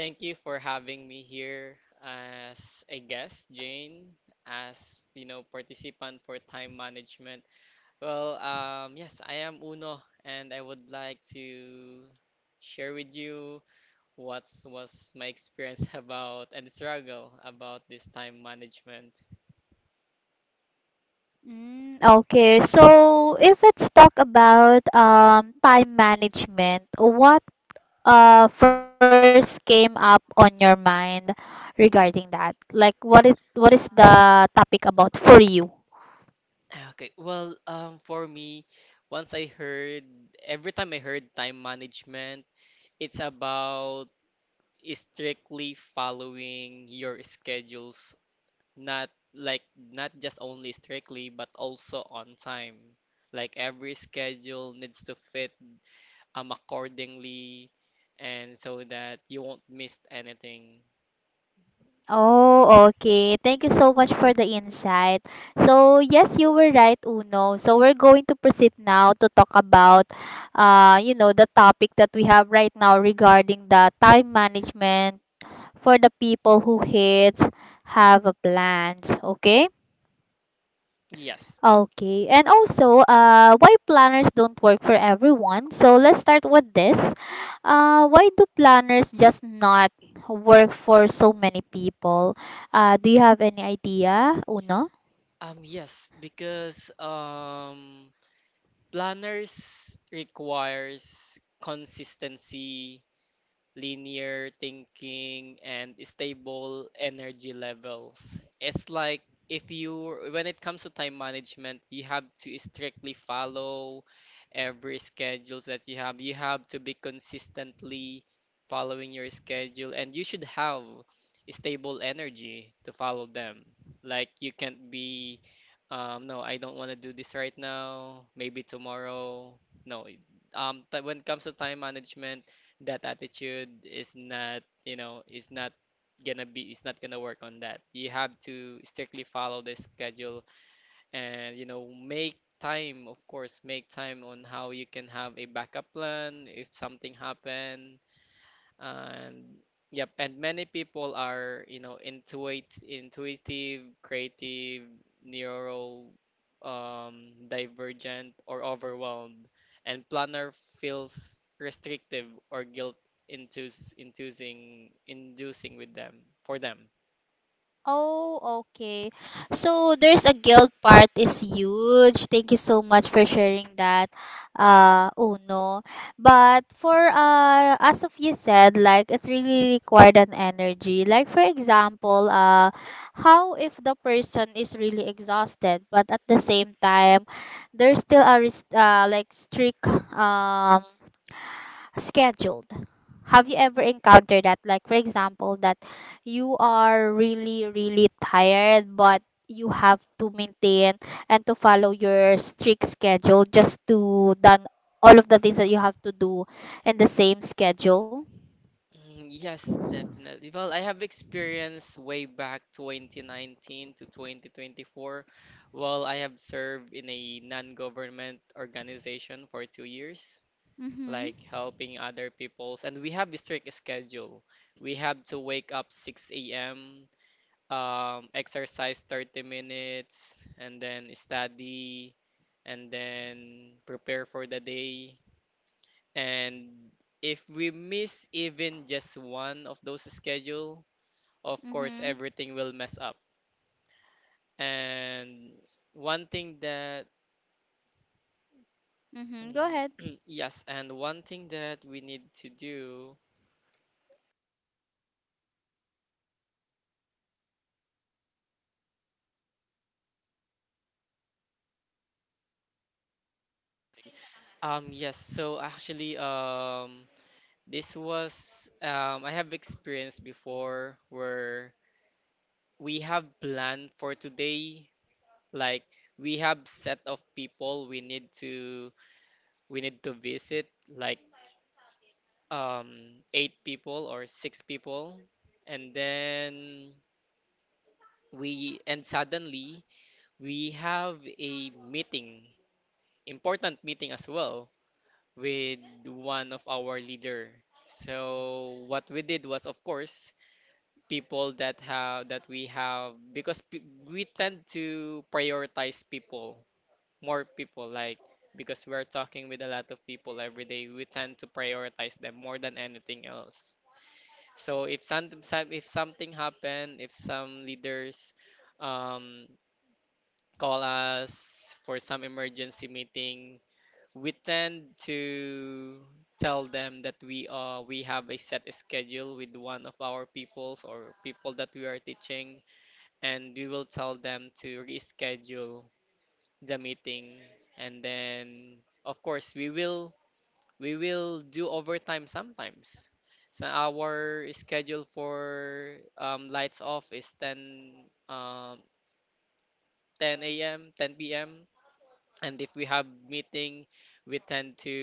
Thank you for having me here as a guest, Jane, as you know, participant for time management. Well, yes, I am Uno, and I would like to share with you what was my experience about and struggle about this time management. Okay, well, for me, once I heard, every time I heard time management, it's about strictly following your schedules, not not just only strictly, but also on time, like every schedule needs to fit accordingly, and so that you won't miss anything. yes yes because planners requires consistency, linear thinking, and stable energy levels. It's like, if you, when it comes to time management, you have to strictly follow every schedules that you have. You have to be consistently following your schedule, and you should have stable energy to follow them. Like you can't be, "No, I don't want to do this right now. Maybe tomorrow. No." T When it comes to time management, that attitude is not, is not gonna be, it's not gonna work on that. You have to strictly follow the schedule, and, you know, make time, of course, make time on how you can have a backup plan if something happen. And yep. And many people are, you know, intuitive, creative, neuro, divergent, or overwhelmed, and planner feels restrictive or guilt induce, inducing inducing with them for them. Mm. Yes, definitely. Well, I have experience way back 2019 to 2024. Well, I have served in a non-government organization for 2 years, like helping other people's, and we have a strict schedule. We have to wake up 6 a.m., exercise 30 minutes, and then study, and then prepare for the day. And if we miss even just one of those schedule, of course everything will mess up. And one thing that yes, and one thing that we need to do. Yes, so actually, this was, I have experienced before where we have planned for today, like we have set of people we need to visit, like um eight people or six people, and then we and suddenly we have a meeting, important meeting as well, with one of our leader. So what we did was, of course, people that have that we have because p we tend to prioritize people, more people. Like, because we're talking with a lot of people every day, we tend to prioritize them more than anything else. So if if something happened, if some leaders, um, call us for some emergency meeting, we tend to tell them that we, we have a set schedule with one of our peoples or people that we are teaching, and we will tell them to reschedule the meeting. And then, of course, we will do overtime sometimes. So our schedule for, lights off is 10, um, 10 a.m., 10 p.m. And if we have meeting, we tend to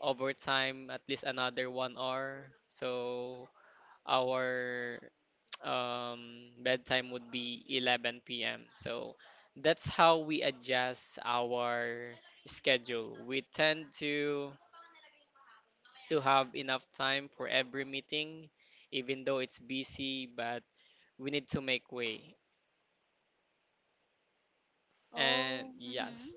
overtime at least another 1 hour. So our um, bedtime would be 11 p.m. So that's how we adjust our schedule. We tend to have enough time for every meeting, even though it's busy, but we need to make way. And yes.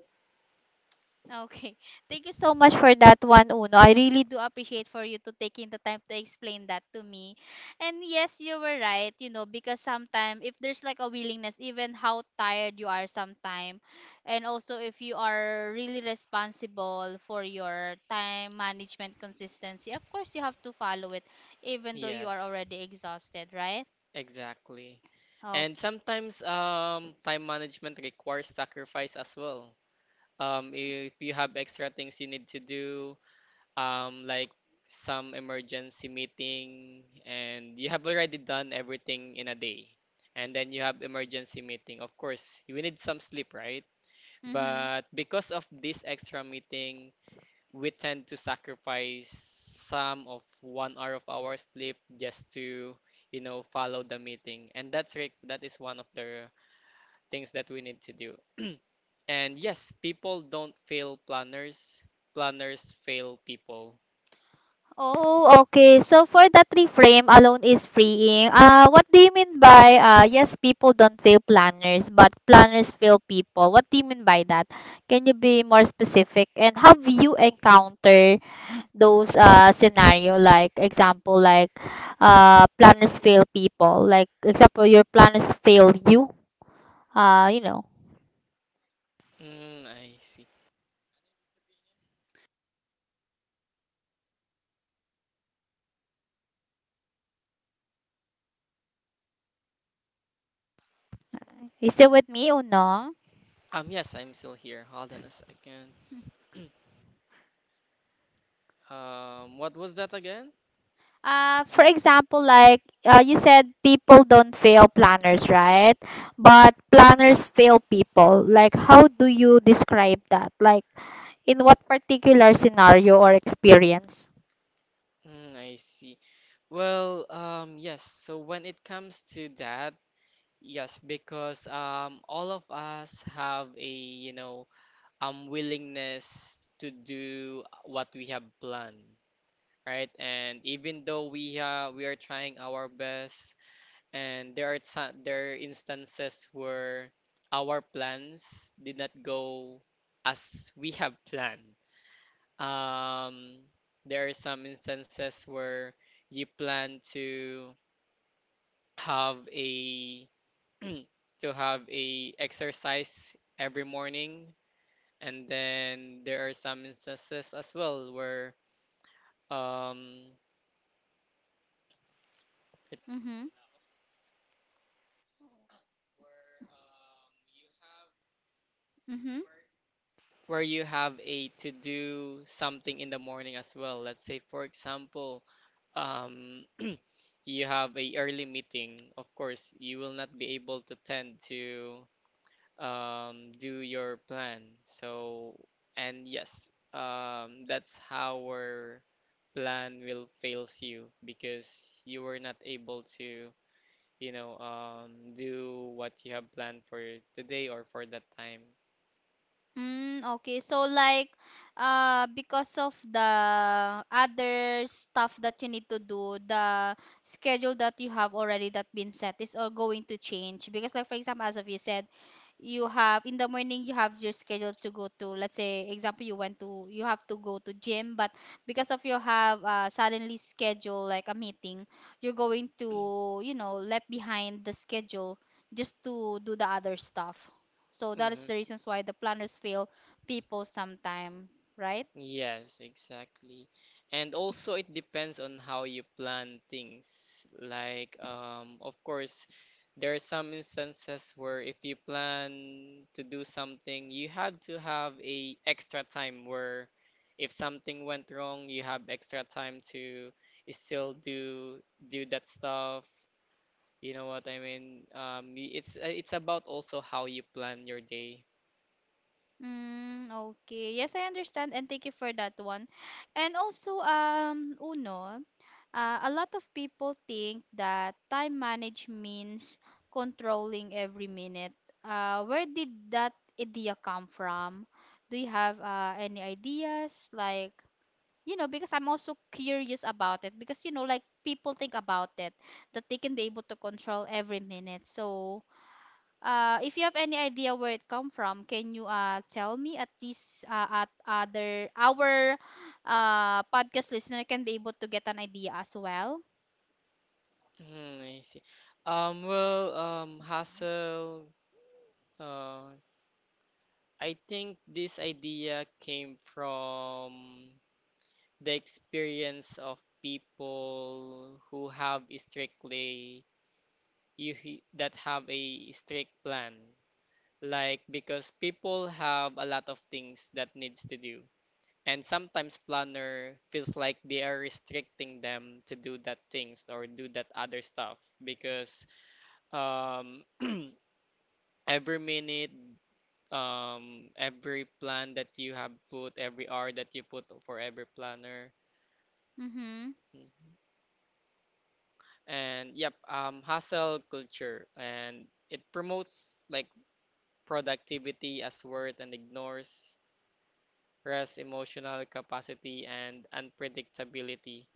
Yes. Exactly. And sometimes, time management requires sacrifice as well. If you have extra things you need to do, like some emergency meeting, and you have already done everything in a day, and then you have emergency meeting. Of course, you need some sleep, right? But because of this extra meeting, we tend to sacrifice some of 1 hour of our sleep just to, you know, follow the meeting. And that is one of the things that we need to do. And yes, people don't fail planners. Planners fail people. Mm, I see. Yes, I'm still here. Hold on a second. What was that again? Mm, I see. Well, yes. So when it comes to that, yes, because, all of us have a, you know, willingness to do what we have planned, right? And even though we are trying our best, and there are instances where our plans did not go as we have planned. Um, there are some instances where you plan have a to have a exercise every morning, and then there are some instances as well where, um it- where you have a to do something in the morning as well, let's say for example, um you have a early meeting. Of course, you will not be able to tend to, do your plan. So, and yes, that's how our plan will fails you, because you were not able to, you know, do what you have planned for today or for that time. hmm Yes, exactly. And also it depends on how you plan things. Like, of course, there are some instances where if you plan to do something, you have to have a extra time where if something went wrong, you have extra time to still do that stuff. You know what I mean? It's about also how you plan your day. Mm, I see. Well, hustle. Uh, I think this idea came from the experience of people who have strictly, that have a strict plan. Like, because people have a lot of things that needs to do, and sometimes planner feels like they are restricting them to do that things or do that other stuff, because, um every minute, every plan that you have put, every hour that you put for every planner. Mhm. And yep, hustle culture, and it promotes like productivity as worth and ignores rest, emotional capacity, and unpredictability.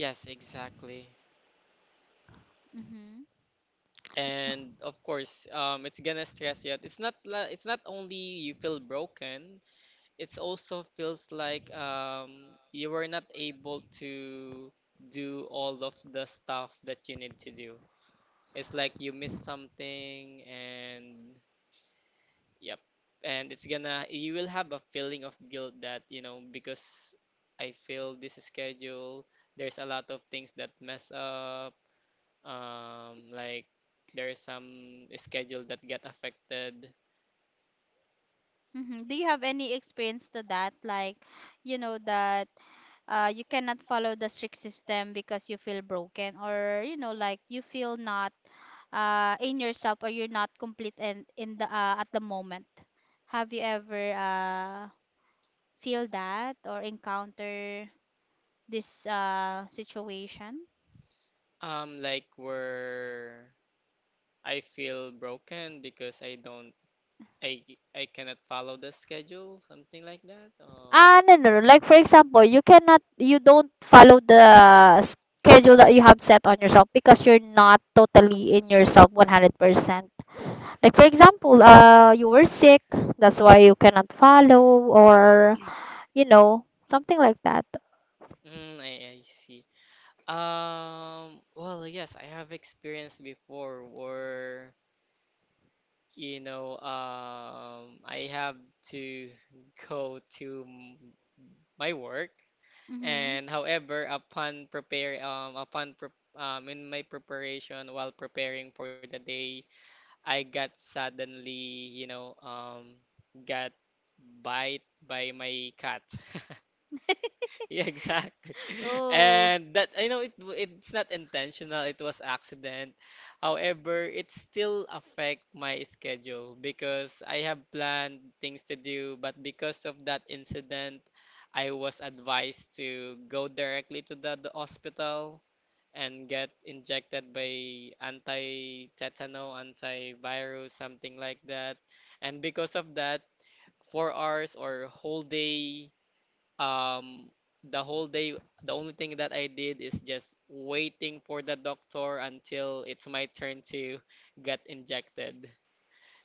Yes, exactly. And of course, it's gonna stress you out. It's not only you feel broken, it's also feels like, you were not able to do all of the stuff that you need to do. It's like you miss something. And yep. And it's gonna, you will have a feeling of guilt that, you know, because I failed this schedule, there's a lot of things that mess up. Like there's some schedule that get affected. Like where I feel broken because I I cannot follow the schedule, something like that, or mm, I see. Well, yes, I have experienced before where, you know, I have to go to my work, and however, upon prepare, upon pre in my preparation while preparing for the day, I got suddenly, you know, got bite by my cat. Yeah, exactly. And that, I know it's not intentional, it was accident. However, it still affect my schedule because I have planned things to do, but because of that incident, I was advised to go directly to the hospital and get injected by anti-tetano, antivirus, something like that. And because of that, 4 hours, or whole day, um the whole day, the only thing that I did is just waiting for the doctor until it's my turn to get injected.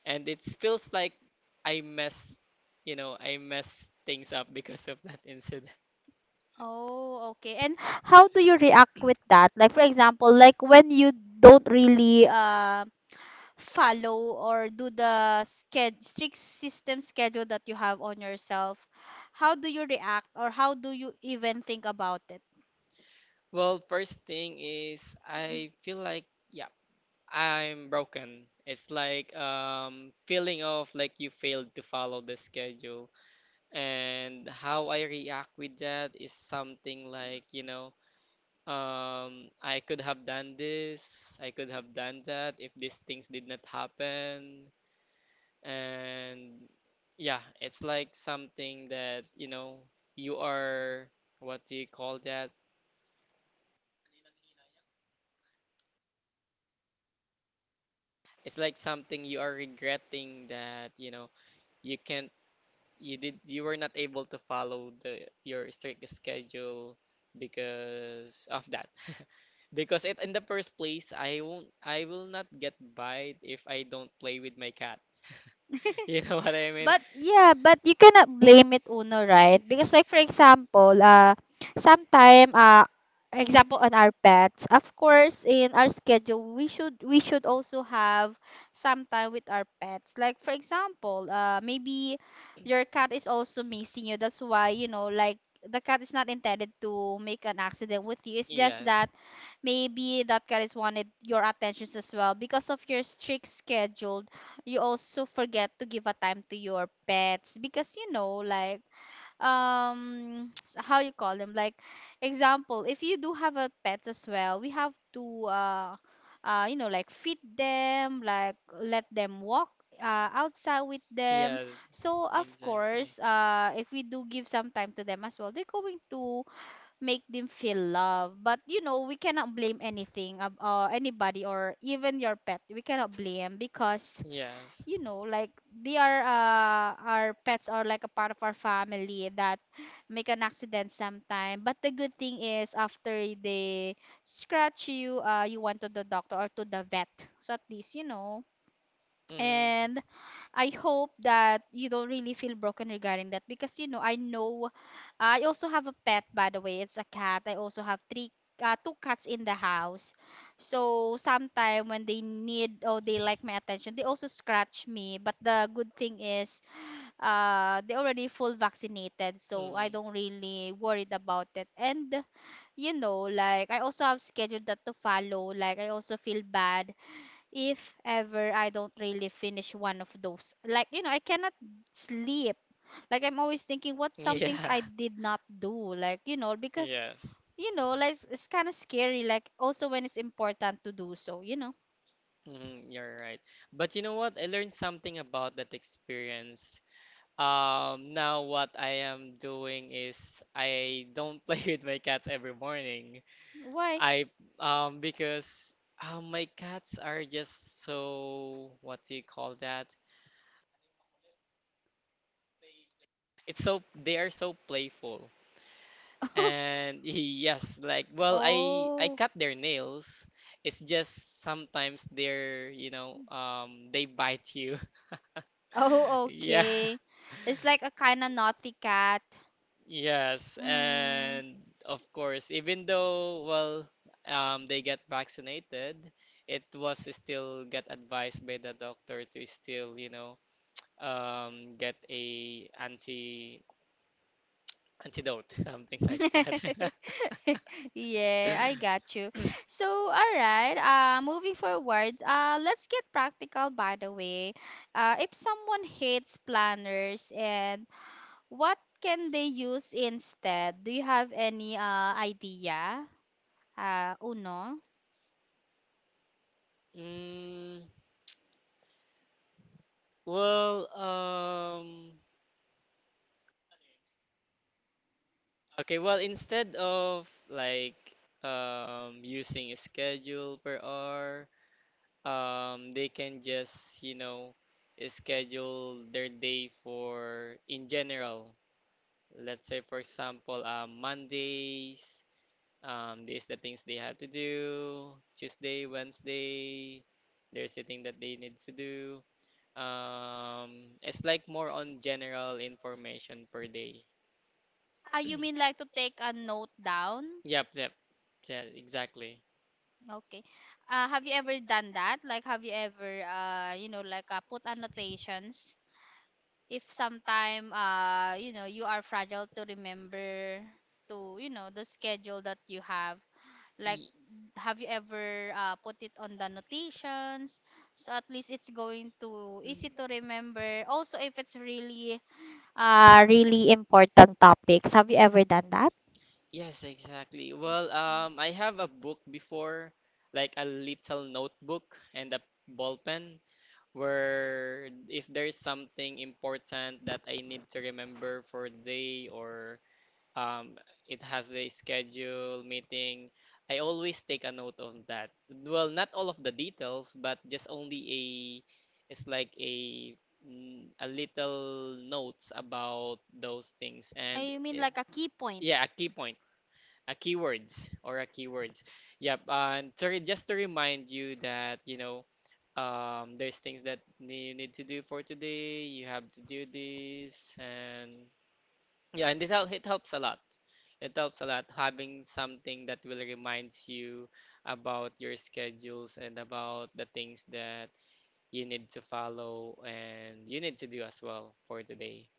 And it feels like I mess, I mess things up because of that incident. Well, first thing is I feel like, yeah, I'm broken. It's like, feeling of like you failed to follow the schedule. And how I react with that is something like, you know, I could have done this, I could have done that if these things did not happen. And yeah, it's like something that, you know, you are, what do you call that? It's like something you are regretting that, you know, you can't, you were not able to follow the your strict schedule because of that. Because it, in the first place, I will not get by if I don't play with my cat. You know what I mean? Yes. Yes. Exactly. Yes. Mm-hmm. Mm. Yeah. Yes. Mm, you're right. But you know what? I learned something about that experience. Now what I am doing is I don't play with my cats every morning. I because, my cats are just so, what do you call that? It's so, they are so playful. And yes, like, well, I cut their nails. It's just sometimes they're, you know, they bite you. Yeah. Yes, and of course, even though, well, they get vaccinated, it was still get advised by the doctor to still, you know, get a antidote, something like that. Mm, well, okay, well, instead of like, using a schedule per hour, they can just, you know, schedule their day for in general. Let's say for example, Mondays, these the things they have to do. Tuesday, Wednesday, there's a thing that they need to do. It's like more on general information per day. Yep, yep. Yeah, exactly. Mm. Yes, exactly. Well, I have a book before, like a little notebook and a ball pen, where if there's something important that I need to remember for a day or um, it has a schedule meeting. I always take a note of that. Well, not all of the details, but just only it's like a little notes about those things. And it, yeah, a key point, a keywords or a keywords. Yep. And to just to remind you that, there's things that you need to do for today. You have to do this and yeah, and it it helps a lot. It helps a lot having something that will remind you about your schedules and about the things that you need to follow and you need to do as well for today.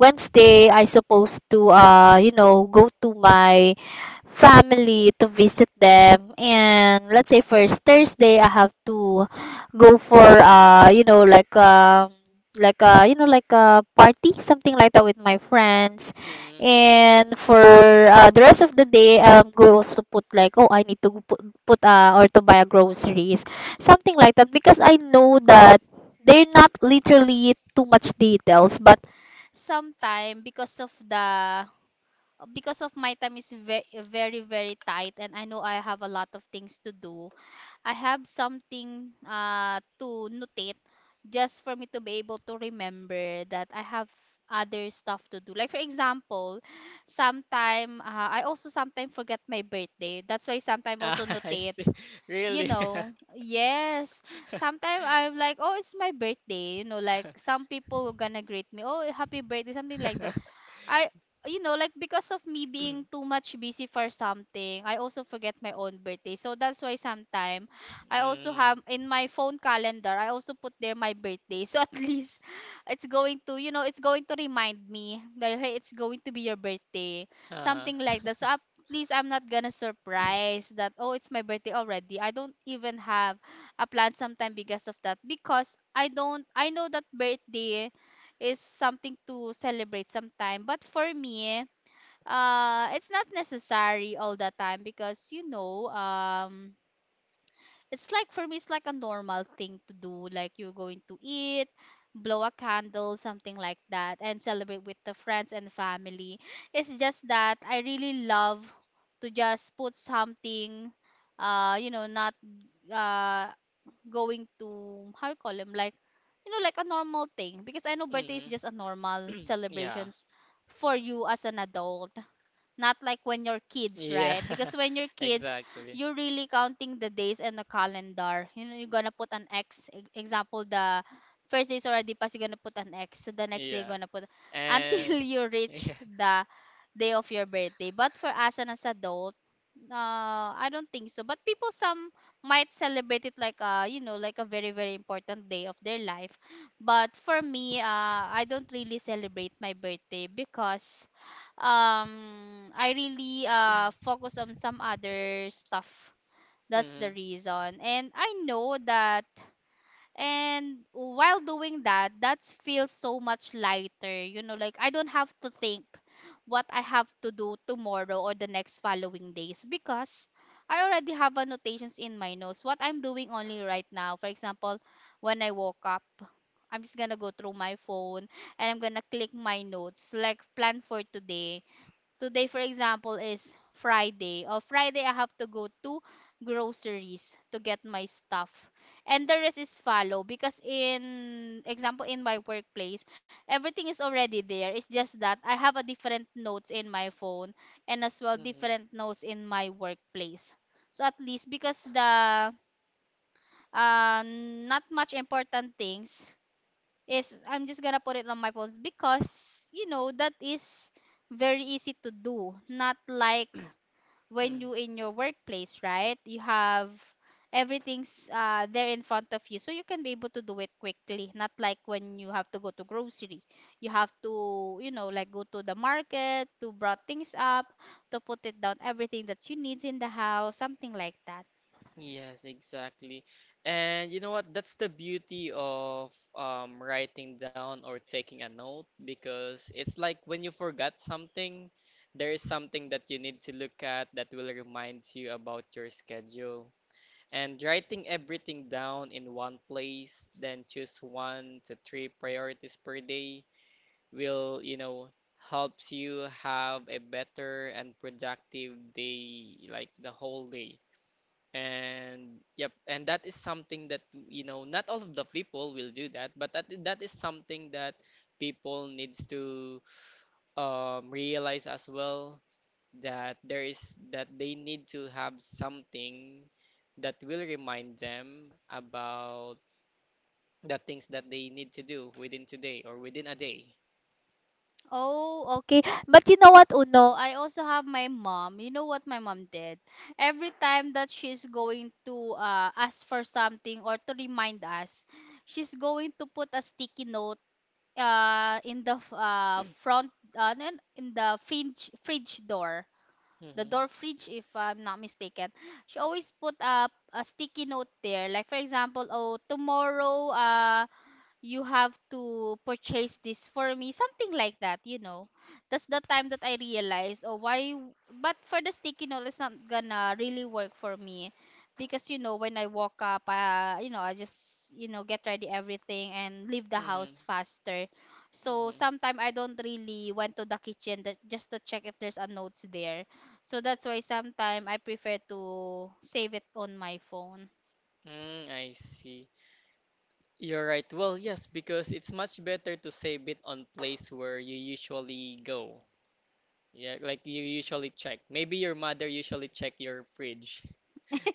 Wednesday, I supposed to go to my family to visit them. And let's say first Thursday, I have to go for like a you know like a party, something like that, with my friends. Mm-hmm. And for the rest of the day, go also, put like, oh, I need to put, or to buy a groceries, something like that, because I know that they're not literally too much details, but… Ah, I see. Really? Mm. Uh-huh. Mhm. Yeah. Yeah, exactly. Yeah. And yeah. Mm-hmm. hmm hmm Yes, exactly. And you know what? That's the beauty of writing down or taking a note because it's like when you forgot something, there is something that you need to look at that will remind you about your schedule. And writing everything down in one place, then choose one to three priorities per day, will, you know, helps you have a better and productive day, like the whole day. And yep, and that is something that, you know, not all of the people will do that, but that is something that people needs to realize as well that there is that they need to have something that will remind them about the things that they need to do within today or within a day. But you know what, Uno? I also have my mom. You know what my mom did? Mhm. Mhm. Mhm. Mm, I see. You're right. Well, yes, because it's much better to save it on place where you usually go. Yeah, like you usually check. Maybe your mother usually check your fridge.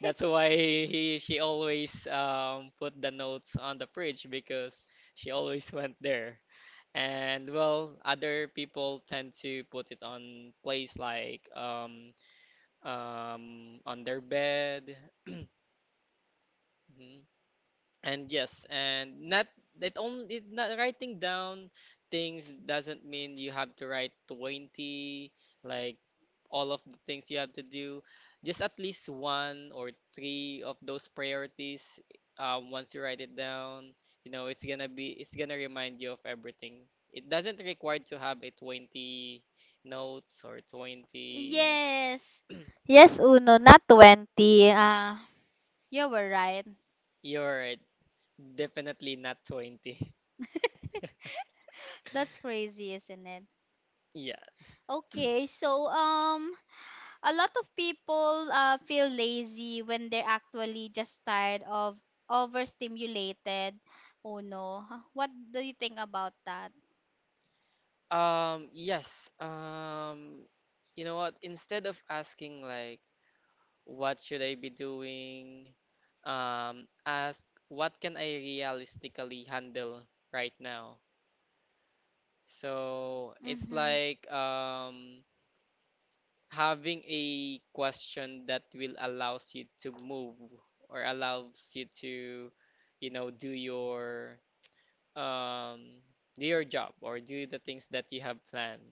That's why he she always put the notes on the fridge because she always went there. And well, other people tend to put it on place like on their bed. Mm-hmm. And yes, and not that only it not writing down things doesn't mean you have to write 20 like all of the things you have to do. Just at least one or three of those priorities once you write it down, you know, it's gonna remind you of everything. It doesn't require to have a 20 notes or 20. Yes, Uno, not 20. Uh, You're right, definitely not 20. Yeah. Yes. You know what? Instead of asking like, what should I be doing? Ask what can I realistically handle right now? So it's like having a question that will allows you to move or allows you to, you know, um do your job or do the things that you have planned.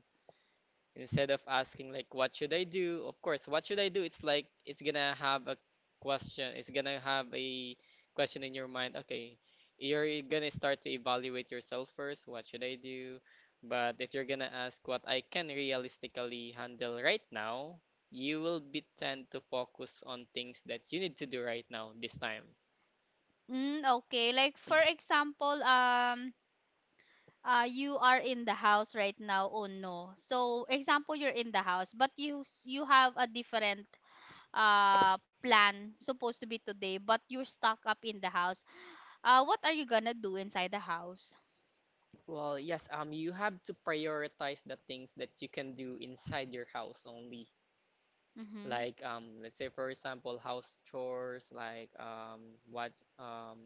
Instead of asking like what should I do? Of course, what should I do? It's like it's gonna have a question. It's gonna have a question in your mind. Okay, you're gonna start to evaluate yourself first. What should I do? But if you're gonna ask what I can realistically handle right now, you will be tend to focus on things that you need to do right now this time. Well, yes, you have to prioritize the things that you can do inside your house only. Like, let's say, for example, house chores like what um,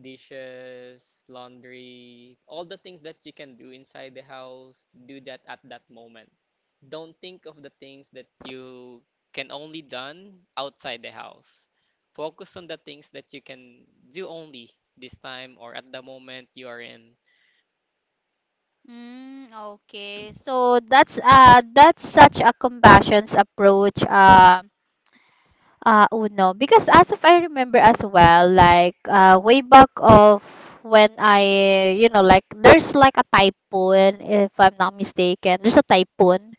dishes, laundry, all the things that you can do inside the house, do that at that moment. Don't think of the things that you can only done outside the house. Focus on the things that you can do only this time or at the moment you are in. mm, okay. So that's such a compassion's approach, Uno. Because as of I remember as well, like way back of when I, you know, like, there's like a typhoon, if I'm not mistaken. There's a typhoon.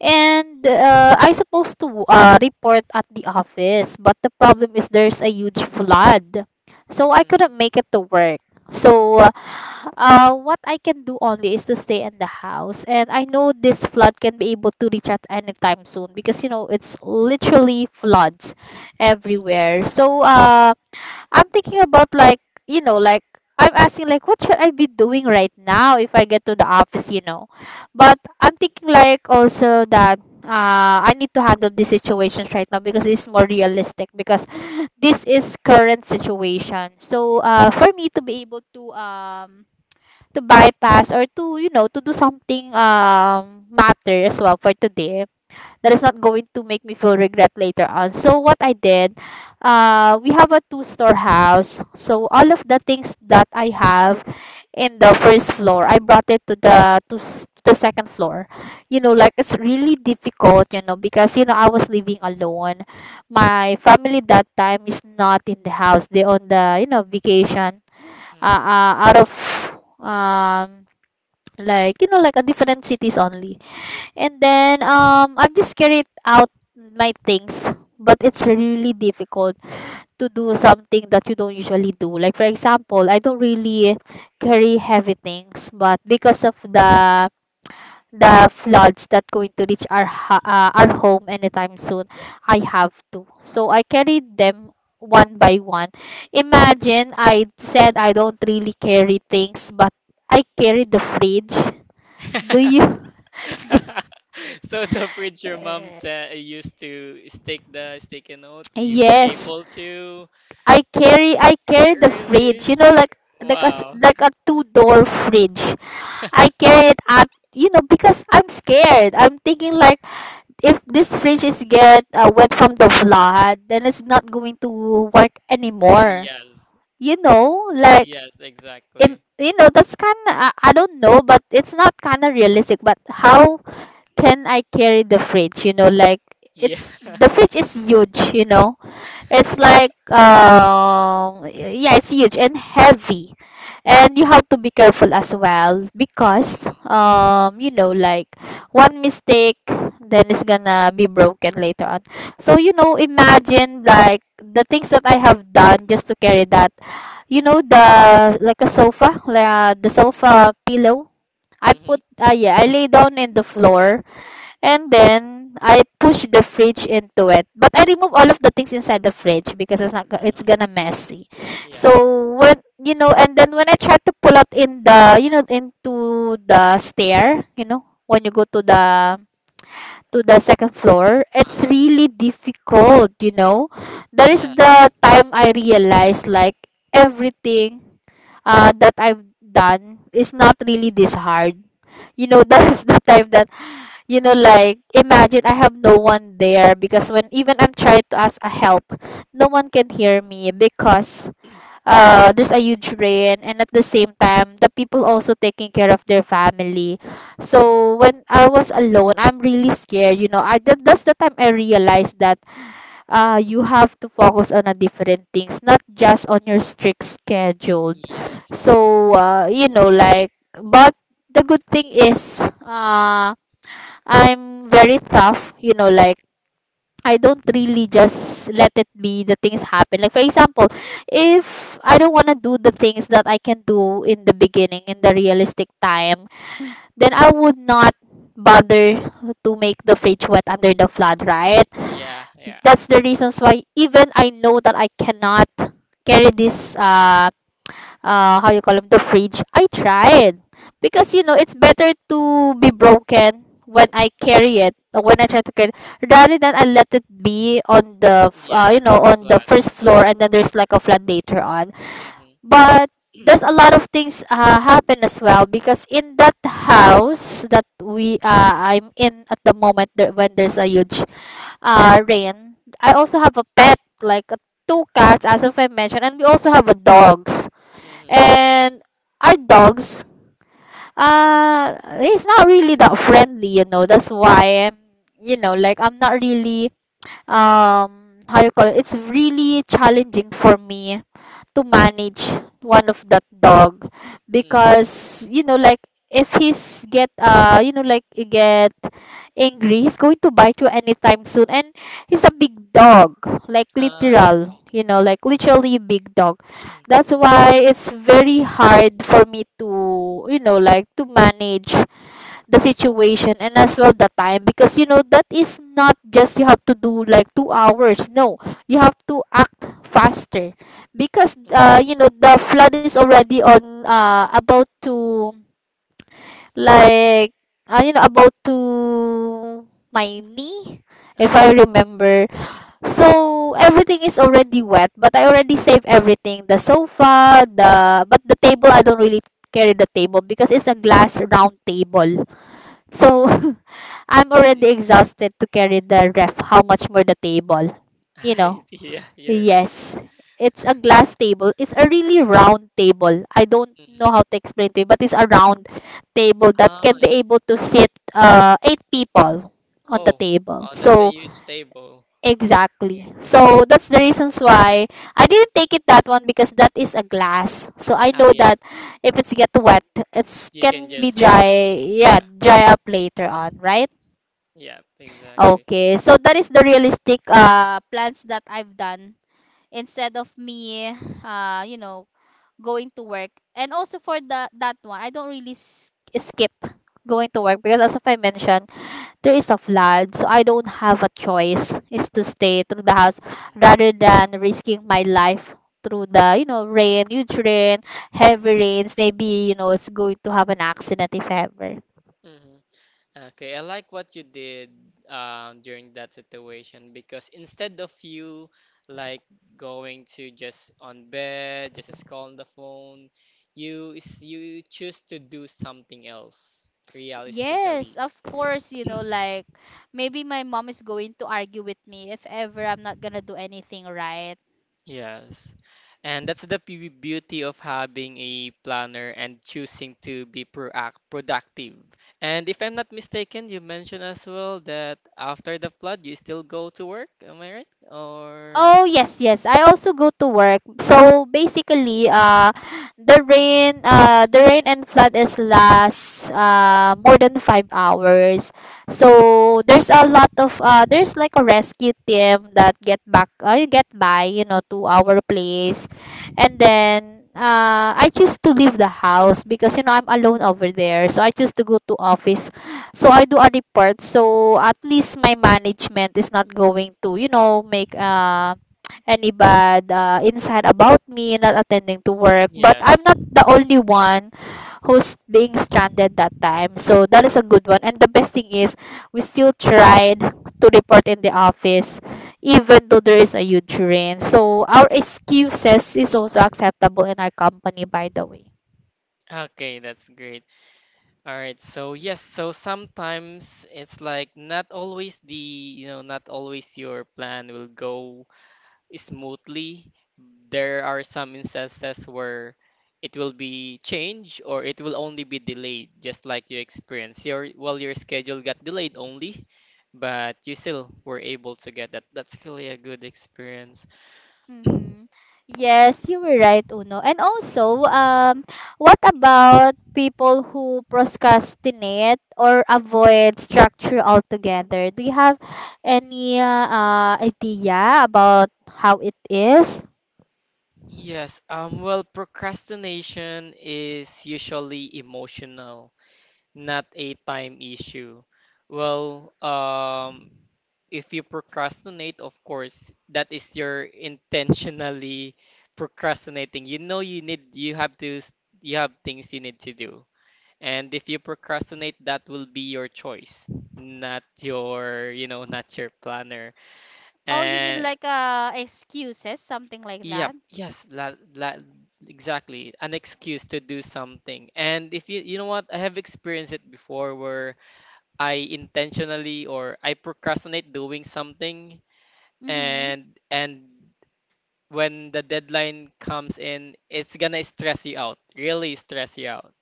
And I supposed to report at the office, but the problem is there's a huge flood. So I Mhm, couldn't make it to work. So what I can do only is to stay in the house. And I know this flood can be able to reach at any time soon, because you know it's literally floods everywhere. So I'm thinking about like, you know, like, I'm asking like, what should I be doing right now if I get to the office, you know. But I'm thinking like also that I need to handle these situations right now, because it's more realistic, because this is current situation. So for me to be able to bypass or to, you know, to do something matter as well for today, that is not going to make me feel regret later on. So what I did, we have a two-store house. So all of the things that I have in the first floor, I brought it to the the second floor. You know, like, it's really difficult, you know, because you know I was living alone. My family that time is not in the house. They on the, you know, vacation, mhm, mhm. Out of um like, you know, like a different cities only. And then I'm just carried out my things, but it's really difficult to do something that you don't usually do. Like, for example, I don't really carry heavy things, but because of the floods that going to reach our our home anytime soon, I have to. So I carried them one by one. Imagine, I said I don't really carry things, but I carried the fridge. Do you? So the fridge your mom ta used to stick the sticky note, you were Yes. able to? I carry the Really? fridge, you know, like Wow. like a two-door fridge. I carry it at, you know, because I'm scared. I'm thinking like, if this fridge is get wet from the flood, then it's not going to work anymore. yes. You know, like, Yes, exactly. you know, that's kind of, I don't know, but it's not kind of realistic. But how can I carry the fridge? You know, like, Yeah. it's, the fridge is huge. You know, it's like, yeah, it's huge and heavy. And you have to be careful as well, because you know, like, one mistake, then it's gonna be broken later on. So you know, imagine like the things that I have done just to carry that. You know, the, like a sofa, like, the sofa pillow. I Mm-hmm. put yeah, I lay down in the floor, and then I push the fridge into it. But I remove all of the things inside the fridge, because it's not go- it's Uh-huh. gonna messy. Yeah. So, when, you know, and then when I try to pull out in the, you know, into the stair, you know, when you go to the second floor, it's Uh-huh. really difficult, you know. That is Yes, the exactly. time I realized like, everything that I've done is not really this hard, you know. That's the time that, you know, like, imagine, I have no one there, because when even I'm trying to ask a help, no one can hear me, because there's a huge rain, and at the same time the people also taking care of their family. So when I was alone, I'm really scared, you know. That's the time I realized that you have to focus on a different things, not just on your strict schedule. Yes. So you know, like, but the good thing is, I'm very tough, you know, like, I don't really just let it be the things happen. Like, for example, if I don't want to do the things that I can do in the beginning in the realistic time, then I would not bother to make the fridge wet under the flood, right? Yeah, yeah. That's the reasons why, even I know that I cannot carry this how you call them, the fridge, I tried, because you know Hmm. it's better to be broken when I carry it or when I try to carry, rather than I let it be on the Yeah, you know, on the flat. first floor, Uh, and then there's like a flood later on. Mhm. But there's a lot of things happen as well, because in that house that we I'm in at the moment there, when there's a huge rain, I also have a pet, like a two cats, as if I mentioned, and we also have a dog. Mhm. And our dogs, uh, he's not really that friendly, you know. That's why I'm, you know, like, I'm not really, how you call it? It's really challenging for me to manage one of that dog, Mhm. because you know, like, if he's get you know, like, he get angry, he's going to bite you anytime soon. And he's a big dog, like Ah, I literal, see. you know, like literally big dog. That's Mhm. why it's very hard for me to, you know, like, to manage the situation, and as well the time, because you know that is not just you have to do like 2 hours, no, you have to act faster, because Mhm. You know, the flood is already on about to, like, you know, about to my knee, if I Uh-huh. remember. So everything is already wet, but I already saved everything. The sofa, the, but the table I don't really carry the table, because it's a glass round table. So I'm already Mhm. exhausted to carry the ref. How much more the table? You I know, see. Yeah, you're right. yes. It's a glass table. It's a really round table. I don't Mhm. know how to explain to you, but it's a round table that Oh, can be I able see. to sit eight people on the Oh, table. oh, that's a So, huge table. exactly. Okay. So, that's the reasons why I didn't take it that one, because that is a glass. So, I Oh, know yeah. that if it's get wet, it You can can be just, you know, dry, yeah, yeah, dry up later on, right? yeah, exactly. Okay, so that is the realistic plans that I've done, instead of me you know, going to work. And also for the that one, I don't really skip going to work, because as if I mentioned, there is a flood, so I don't have a choice is to stay through the house, rather than risking my Mhm. life through the, you know, rain, huge rain, heavy rains. Maybe, you know, it's going to have an accident if ever. Mhm. Okay, I like what you did during that situation because instead of you like going to just on bed, just scroll on the phone, you choose to do something else Yes, realistically. of course, you know, like, maybe my mom is going to argue with me if ever I'm not gonna do anything right. Yes. And that's the beauty of having a planner and choosing to be proact productive. And if I'm not mistaken, you mentioned as well that after the flood, you still go to work. Am I right? Or Oh yes, yes. I also go to work. So basically, the rain and flood is last more than 5 hours. So there's a lot of there's like a rescue team that get back, get by, you know, to our place, and then I choose to leave the house, because you know I'm alone over there. So I choose to go to office, so I do a report. So at least my management is not going to, you know, make any bad insight about me not attending to work. But I'm yes. not the only one who's being stranded that time. So that is a good one. And the best thing is, we still tried to report in the office, even though there is a huge rain. So our excuses is also acceptable in our company, by the way. Okay, that's great. All right. So yes, so sometimes it's like not always the, you know, not always your plan will go smoothly. There are some instances where it will be changed or it will only be delayed, just like you experienced. Your well, your schedule got delayed only, but you still were able to get that. That's really a good experience. Mm-hmm. Yes, you were right, Uno. And also, what about people who procrastinate or avoid structure altogether? Do you have any idea about how it is? Yes, well, procrastination is usually emotional, not a time issue. Well, if you procrastinate, of course, that is your intentionally procrastinating. You know you have to you have things you need to do. And if you procrastinate, that will be your choice, not your, you know, not your planner. Oh, you mean And like excuses, something like yep, that? Exactly. An excuse to do something. And if you, you know what, I have experienced it before where I intentionally or I procrastinate doing something Mm-hmm. And when the deadline comes in, it's gonna stress you out, really stress you out.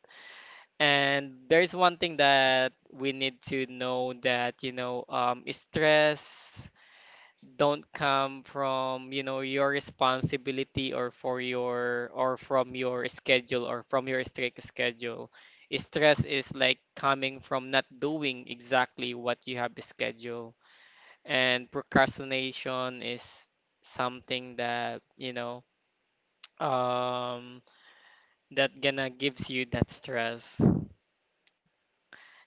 And there's one thing that we need to know, that you know, stress don't come from, you know, your responsibility or for your or from your schedule or from your strict schedule. Stress is like coming from not doing exactly what you have scheduled. And procrastination is something that, you know um that gonna gives you that stress.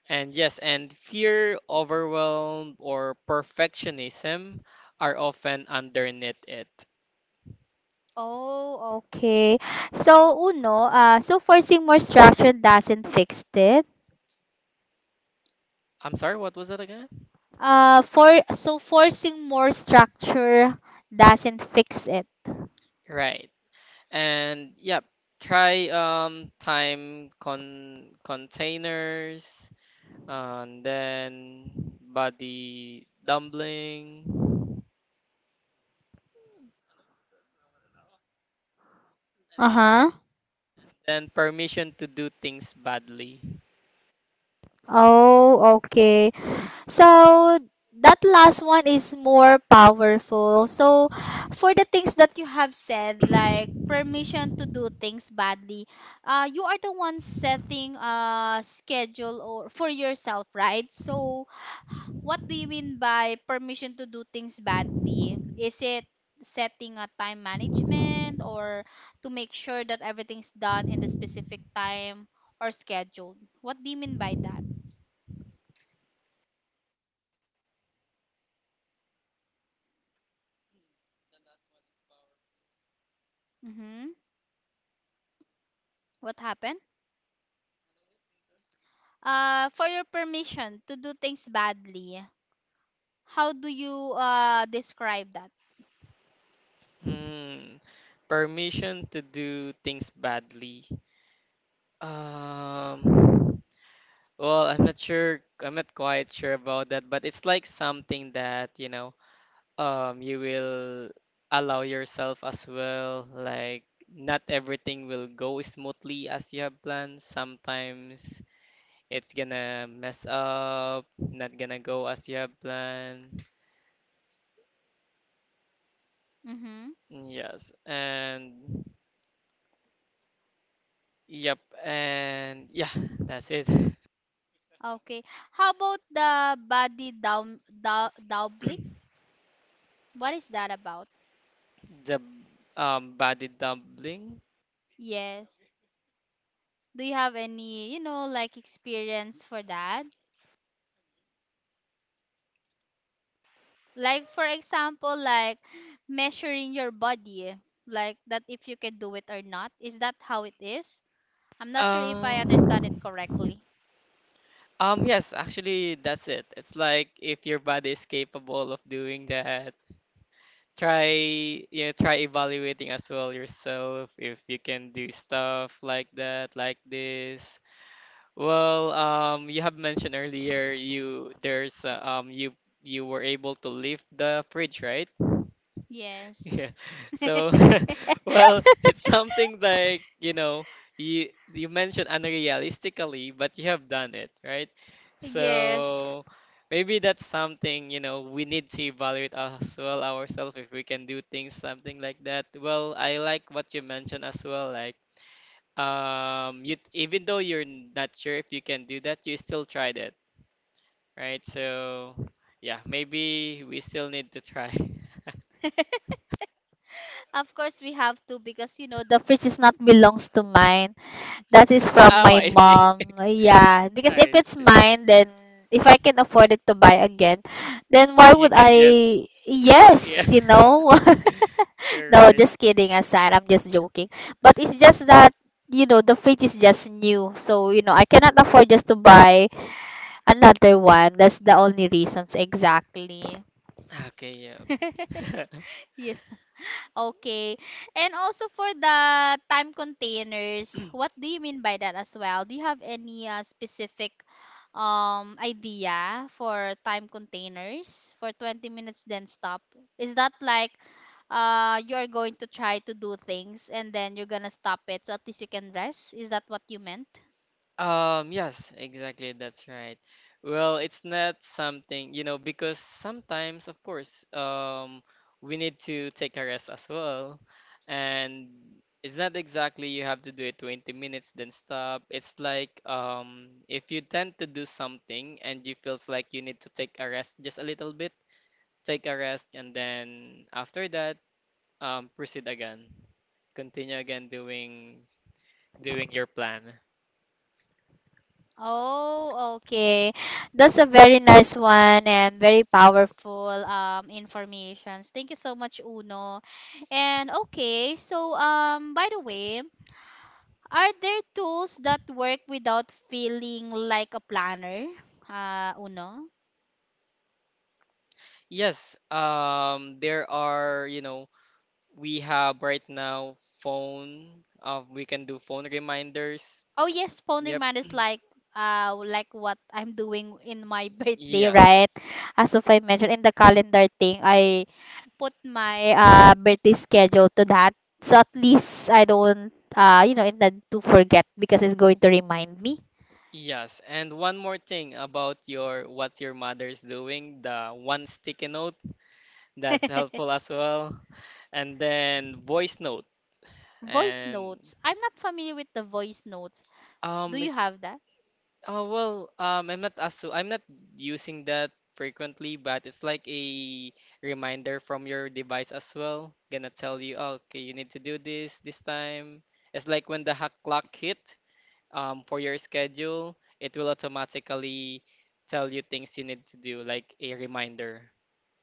And yes, and fear, overwhelm or perfectionism are often underneath it. Oh, okay. So, Uno, so forcing more structure doesn't fix it. I'm sorry, what was that again? For so forcing more structure doesn't fix it. Right. And yep, try time containers, and then body dumpling. Uh huh. Then permission to do things badly. Oh, okay. So that last one is more powerful. So for the things that you have said, like permission to do things badly, you are the one setting a schedule or for yourself, right? So what do you mean by permission to do things badly? Is it setting a time management or to make sure that everything's done in the specific time or scheduled? What do you mean by that? Mm-hmm. What happened? For your permission to do that. Hmm. Permission to do things badly. Um. Well, I'm not sure. I'm not quite sure about that, but it's like something that, you know, you will allow yourself as well. Like, not everything will go smoothly as you have planned. Sometimes it's gonna mess up, not gonna go as you have planned. Yes, and yep, and yeah, that's it. Okay. The body dumpling. Like for example, like messy. Like Um, yes, actually, that's it. It's like if your body is capable of doing that, try, you know, try evaluating as well yourself if you can do stuff like that, like this. Well, you have mentioned earlier you you were able to lift the fridge, right? Yeah. So, well, it's something like, you know, you mentioned unrealistically, but you have done it, right? So maybe that's something, you know, we need to evaluate as well ourselves if we can do things, something like that. Well, I like what you mentioned as well, like you even though you're not sure if you can do that, you still tried it, right? So yeah, maybe we still need to try. of you know the fridge is not belongs to mine. That is from Oh, my I see. mom. Yeah, because if I it's see. mine, then if I can afford it to buy again, then why You would can just, I? yeah, Yes, you know. you're No, right. just kidding aside. I'm just joking. But it's just that you know the fridge is just new, so you know I cannot afford just to buy another one. That's the only reasons exactly. Okay, yeah. Yes. Okay. And also for the time containers, what do you mean by that as well? Do you have any specific idea for time containers for 20 minutes then stop? Is that like you're going to try to do things and then you're gonna stop it so at least you can rest? Is that what you meant? Yes, exactly. That's right. Well, it's not something, you know, because sometimes, of course, we need to take a rest as well. And it's not exactly you have to do it 20 minutes, then stop. It's like, if you tend to do something and you feels like you need to take a rest just a little bit, take a rest, and then after that, proceed again. Continue again doing your plan. Oh, okay. That's a very nice one and very powerful informations. Thank you so much, Uno. And okay, so by the way, are there tools that work without feeling like a planner? Uno? Yes, there are, you know, we have right now phone, we can do phone reminders. Oh yes, phone Yep, reminders like what I'm doing in my birthday, yes, right? As of I mentioned in the calendar thing, I put my birthday schedule to that. So at least I don't, you know, intend to forget because it's going to remind me. yes. And one more thing about your what your mother's doing, the one sticky note, that's helpful as well. And then voice note. And is oh well, I'm not asu. I'm not using that frequently, but it's like a reminder from your device as well. Gonna tell you, "Oh, okay, you need to do this this time." It's like when the hack clock hit, for your schedule, it will automatically tell you things you need to do, like a reminder.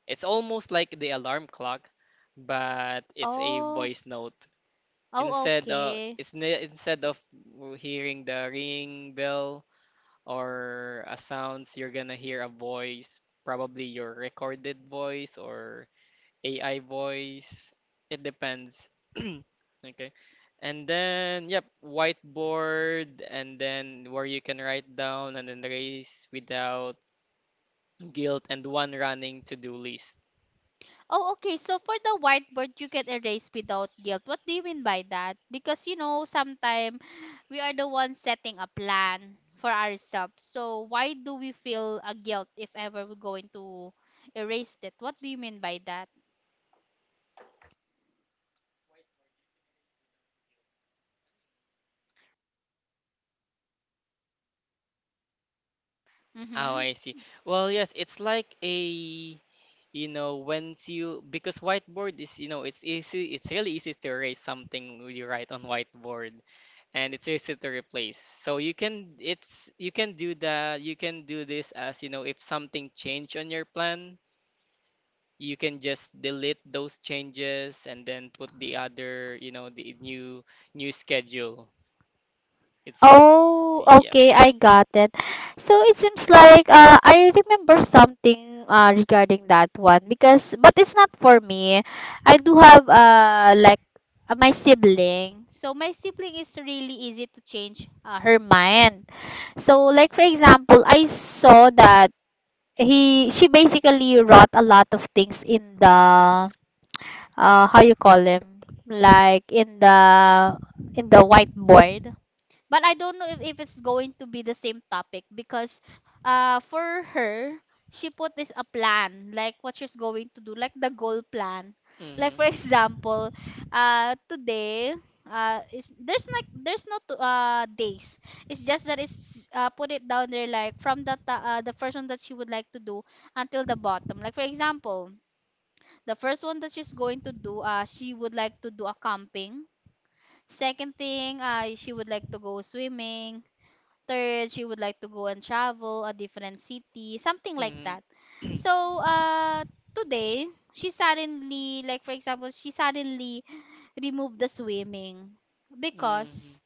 It's almost like the alarm clock, but it's a voice note. Oh, Instead, okay. Instead of hearing the ring bell or a sounds, you're gonna hear a voice, probably your recorded voice or AI voice. It depends. Okay, and then yep, whiteboard, and then where you can write down and then race without guilt, and one running to-do list. Oh, I see. Well yes, it's like a, once you, because whiteboard is, it's easy, it's really easy to erase something you write on whiteboard, and it's easy to replace. So you can, it's, you can do that, you can do this, as you know, if something changed on your plan, you can just delete those changes and then put the other, the new schedule. it's l- Oh, yeah. okay, I got it. So it seems like I remember something regarding that one because, but it's not for me. I do have like my sibling. So my sibling is really easy to change her mind. So like for example, I saw that he she basically wrote a lot of things in the how you call him like in the whiteboard but I don't know if it's going to be the same topic because for her she put this a plan like what she's going to do like the goal plan like Mhm, for example today is there's like mhm. Mhm.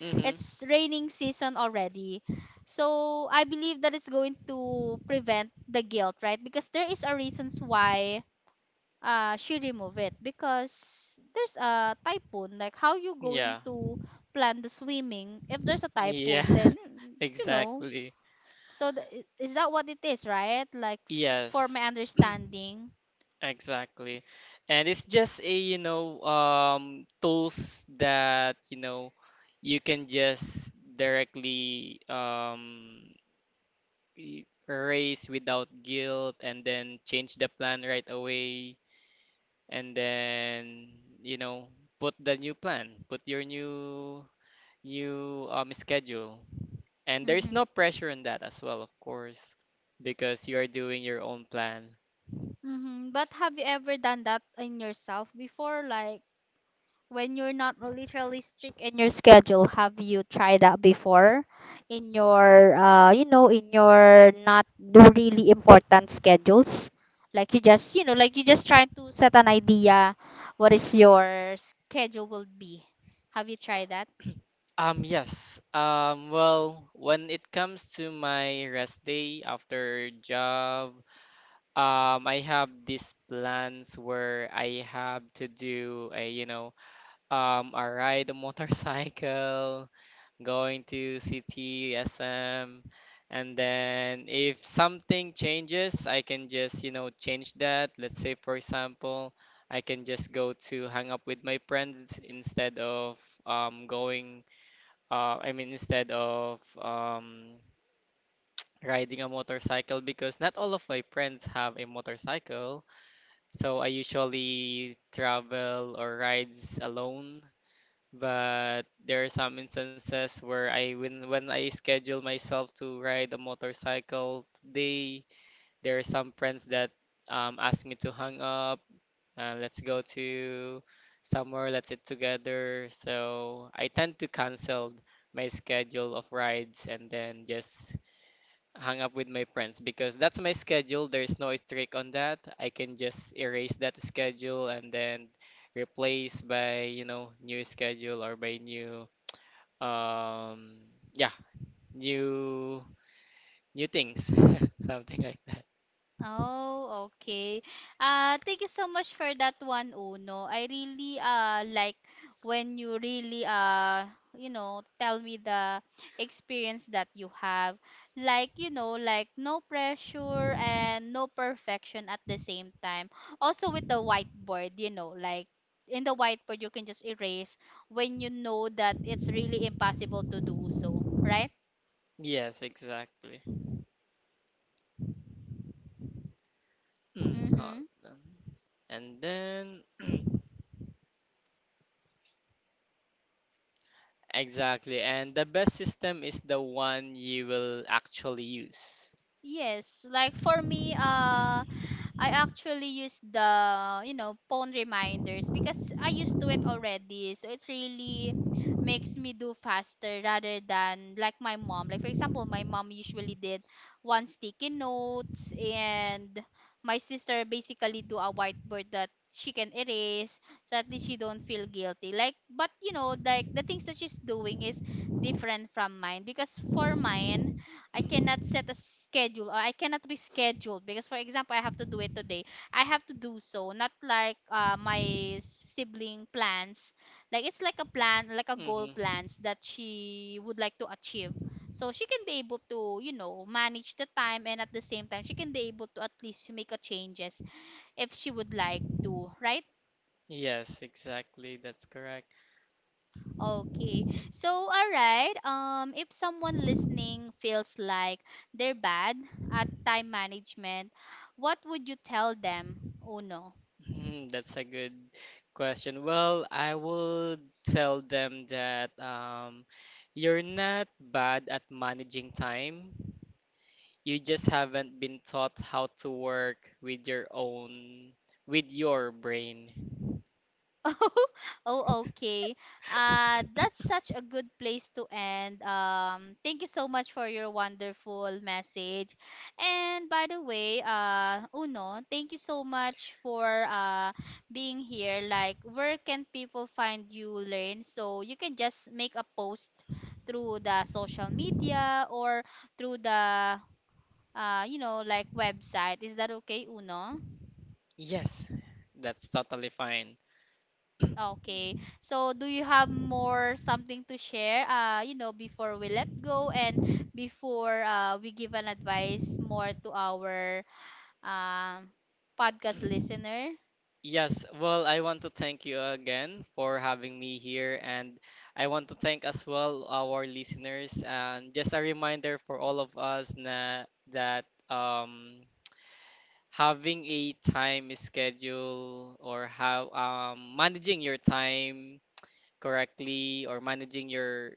Mhm. Yeah. Yeah. Exactly. for Yes. my understanding Exactly. And it's just a, tools that, you can just directly erase without guilt and then change the plan right away, and you know, put the new plan, put your new you schedule. And there is hmm. no pressure on that as well, of course, because you are doing your own plan. Mm-hmm. But have you ever done that in yourself before? Like when you're not literally strict in your schedule, have you tried that before? In your, you know, in your not really important schedules? Like you just, you know, like you just trying to set an idea what is your schedule will be. Have you tried that? Yes. Well, when it comes to my rest day after job, I have these plans where I have to do a ride a motorcycle, going to CT, SM, and then if something changes, I can just, change that. Let's say, for example, I can just go to hang up with my friends instead of um, going, I mean, instead of riding a motorcycle, because not all of my friends have a motorcycle. So I usually travel or rides alone, but there are some instances where I when I schedule myself to ride a motorcycle today, there are some friends that ask me to hang up and let's go to somewhere, let's sit together. So I tend to cancel my schedule of rides and then just hang up with my friends, because that's my schedule. There's no strict on that. I can just erase that schedule and then replaced by, new schedule, or by new um yeah, new things. Something like that. Oh, okay. Thank you so much for that one, Uno. I really like experience that you have like you know like no pressure and no perfection at the same time. Yes, exactly. Mm, hold on. And then exactly, and the best system is the one you will actually use. Hmm. Yes, exactly, that's correct. Hmm, that's a good question. Well, I would tell them that you're not bad at managing time. You just haven't been taught how to work with your own, with your brain. Oh okay, that's such a good place to end, thank you so much for your wonderful message and by the way Uno, thank you so much for being here. Like where can people find you learn so you can just make a post through the social media or through the you know, like website. Is that okay, Uno? Yes, that's totally fine. Okay. So, do you have more something to share? You know, before we let go and before we give an advice more to our um podcast listener. Yes, well, I want to thank you again for having me here, and I want to thank as well our listeners. And just a reminder for all of us na that having a time schedule, or how managing your time correctly, or managing your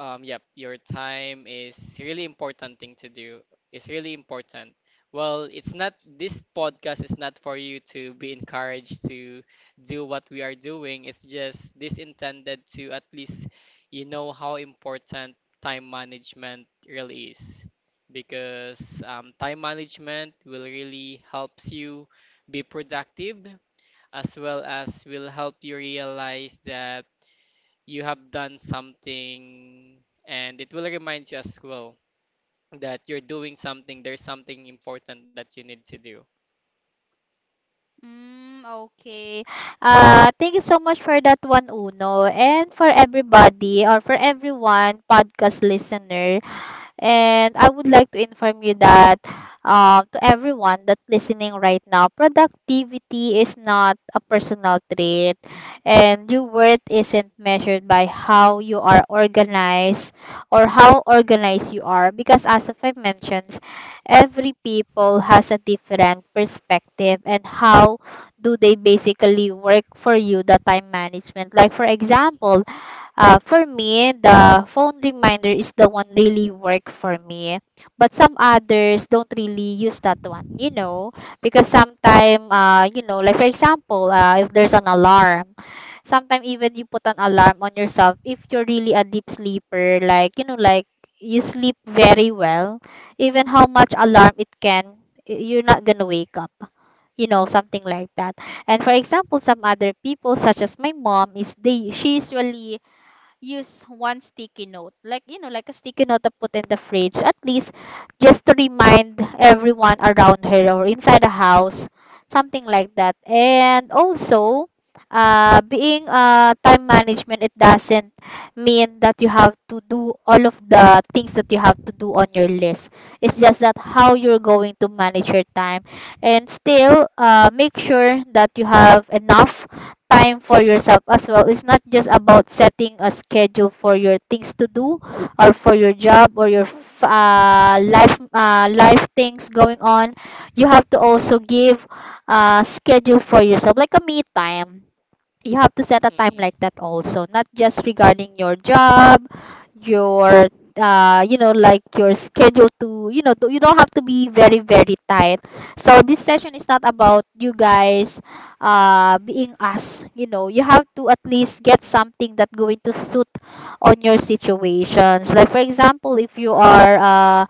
yep, your time is really important thing to do. It's really important. Well, it's not, this podcast is not for you to be encouraged to do what we are doing. It's just this intended to at least you know how important time management really is, because time management will really helps you be productive, as well as will help you realize that you have done something, and it will remind you as well that you're doing something, there's something important that you need to do. Thank you so much for that one, Uno. And for everybody or for everyone podcast listener, and I would like to inform you that to everyone that's listening right now, productivity is not a personal trait, and your worth isn't measured by how you are organized or how organized you are. Because as if I mentioned, every people has a different perspective and how do they basically work for you the time management. Like for example, for me, the phone reminder is the one really work for me. But some others don't really use that one, you know, because sometime, Yeah. You know, like for example, if there's an alarm, sometimes even you put an alarm on yourself if you're really a deep sleeper, like, you know, like you sleep very well, even how much alarm it can, you're not gonna wake up. You know, something like that. And for example, some other people, such as my mom, is they she usually use one sticky note like you know like a sticky note to put in the fridge at least just to remind everyone around her or inside the house, something like that. And also being time management, it doesn't mean that you have to do all of the things that you have to do on your list. It's just that how you're going to manage your time and still make sure that you have enough time for yourself as well. It's not just about setting a schedule for your things to do or for your job or your life life things going on. You have to also give a schedule for yourself, like a me time. You have to set a time Hmm. like that also, not just regarding your job, your you know like your schedule to you know to, you don't have to be very very tight. So this session is not about you guys being us, you know, you have to at least get something that going to suit on your situations. Like for example, if you are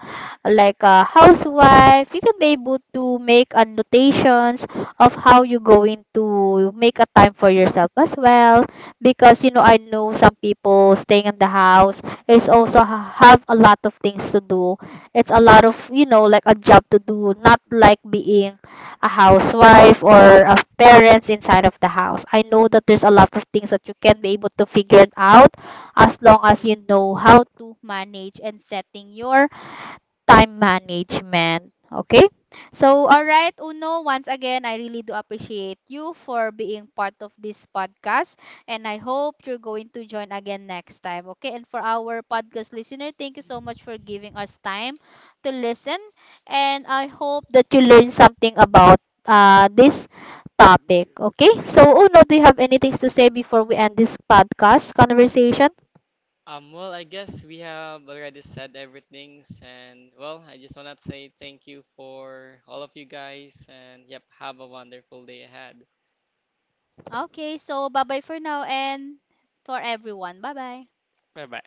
like a housewife, you can be able to make annotations of how you're going to make a time for yourself as well. Because, you know, I know some people staying in the house is also have a lot of things to do. It's a lot of, you know, like a job to do, not like being a housewife or a parents inside of the house. I know that there's a lot of things that you can be able to figure it out as long as you know how to manage and setting your time management. Okay? So, all right, Uno, once again, I really do appreciate you for being part of this podcast. And I hope you're going to join again next time. Okay? And for our podcast listener, thank you so much for giving us time to listen. And I hope that you learned something about this topic. Okay? So, Uno, do you have anything to say before we end this podcast conversation? Well, I guess we have already said everything, and well, I just want to say thank you for all of you guys, and yep, have a wonderful day ahead. Bye bye.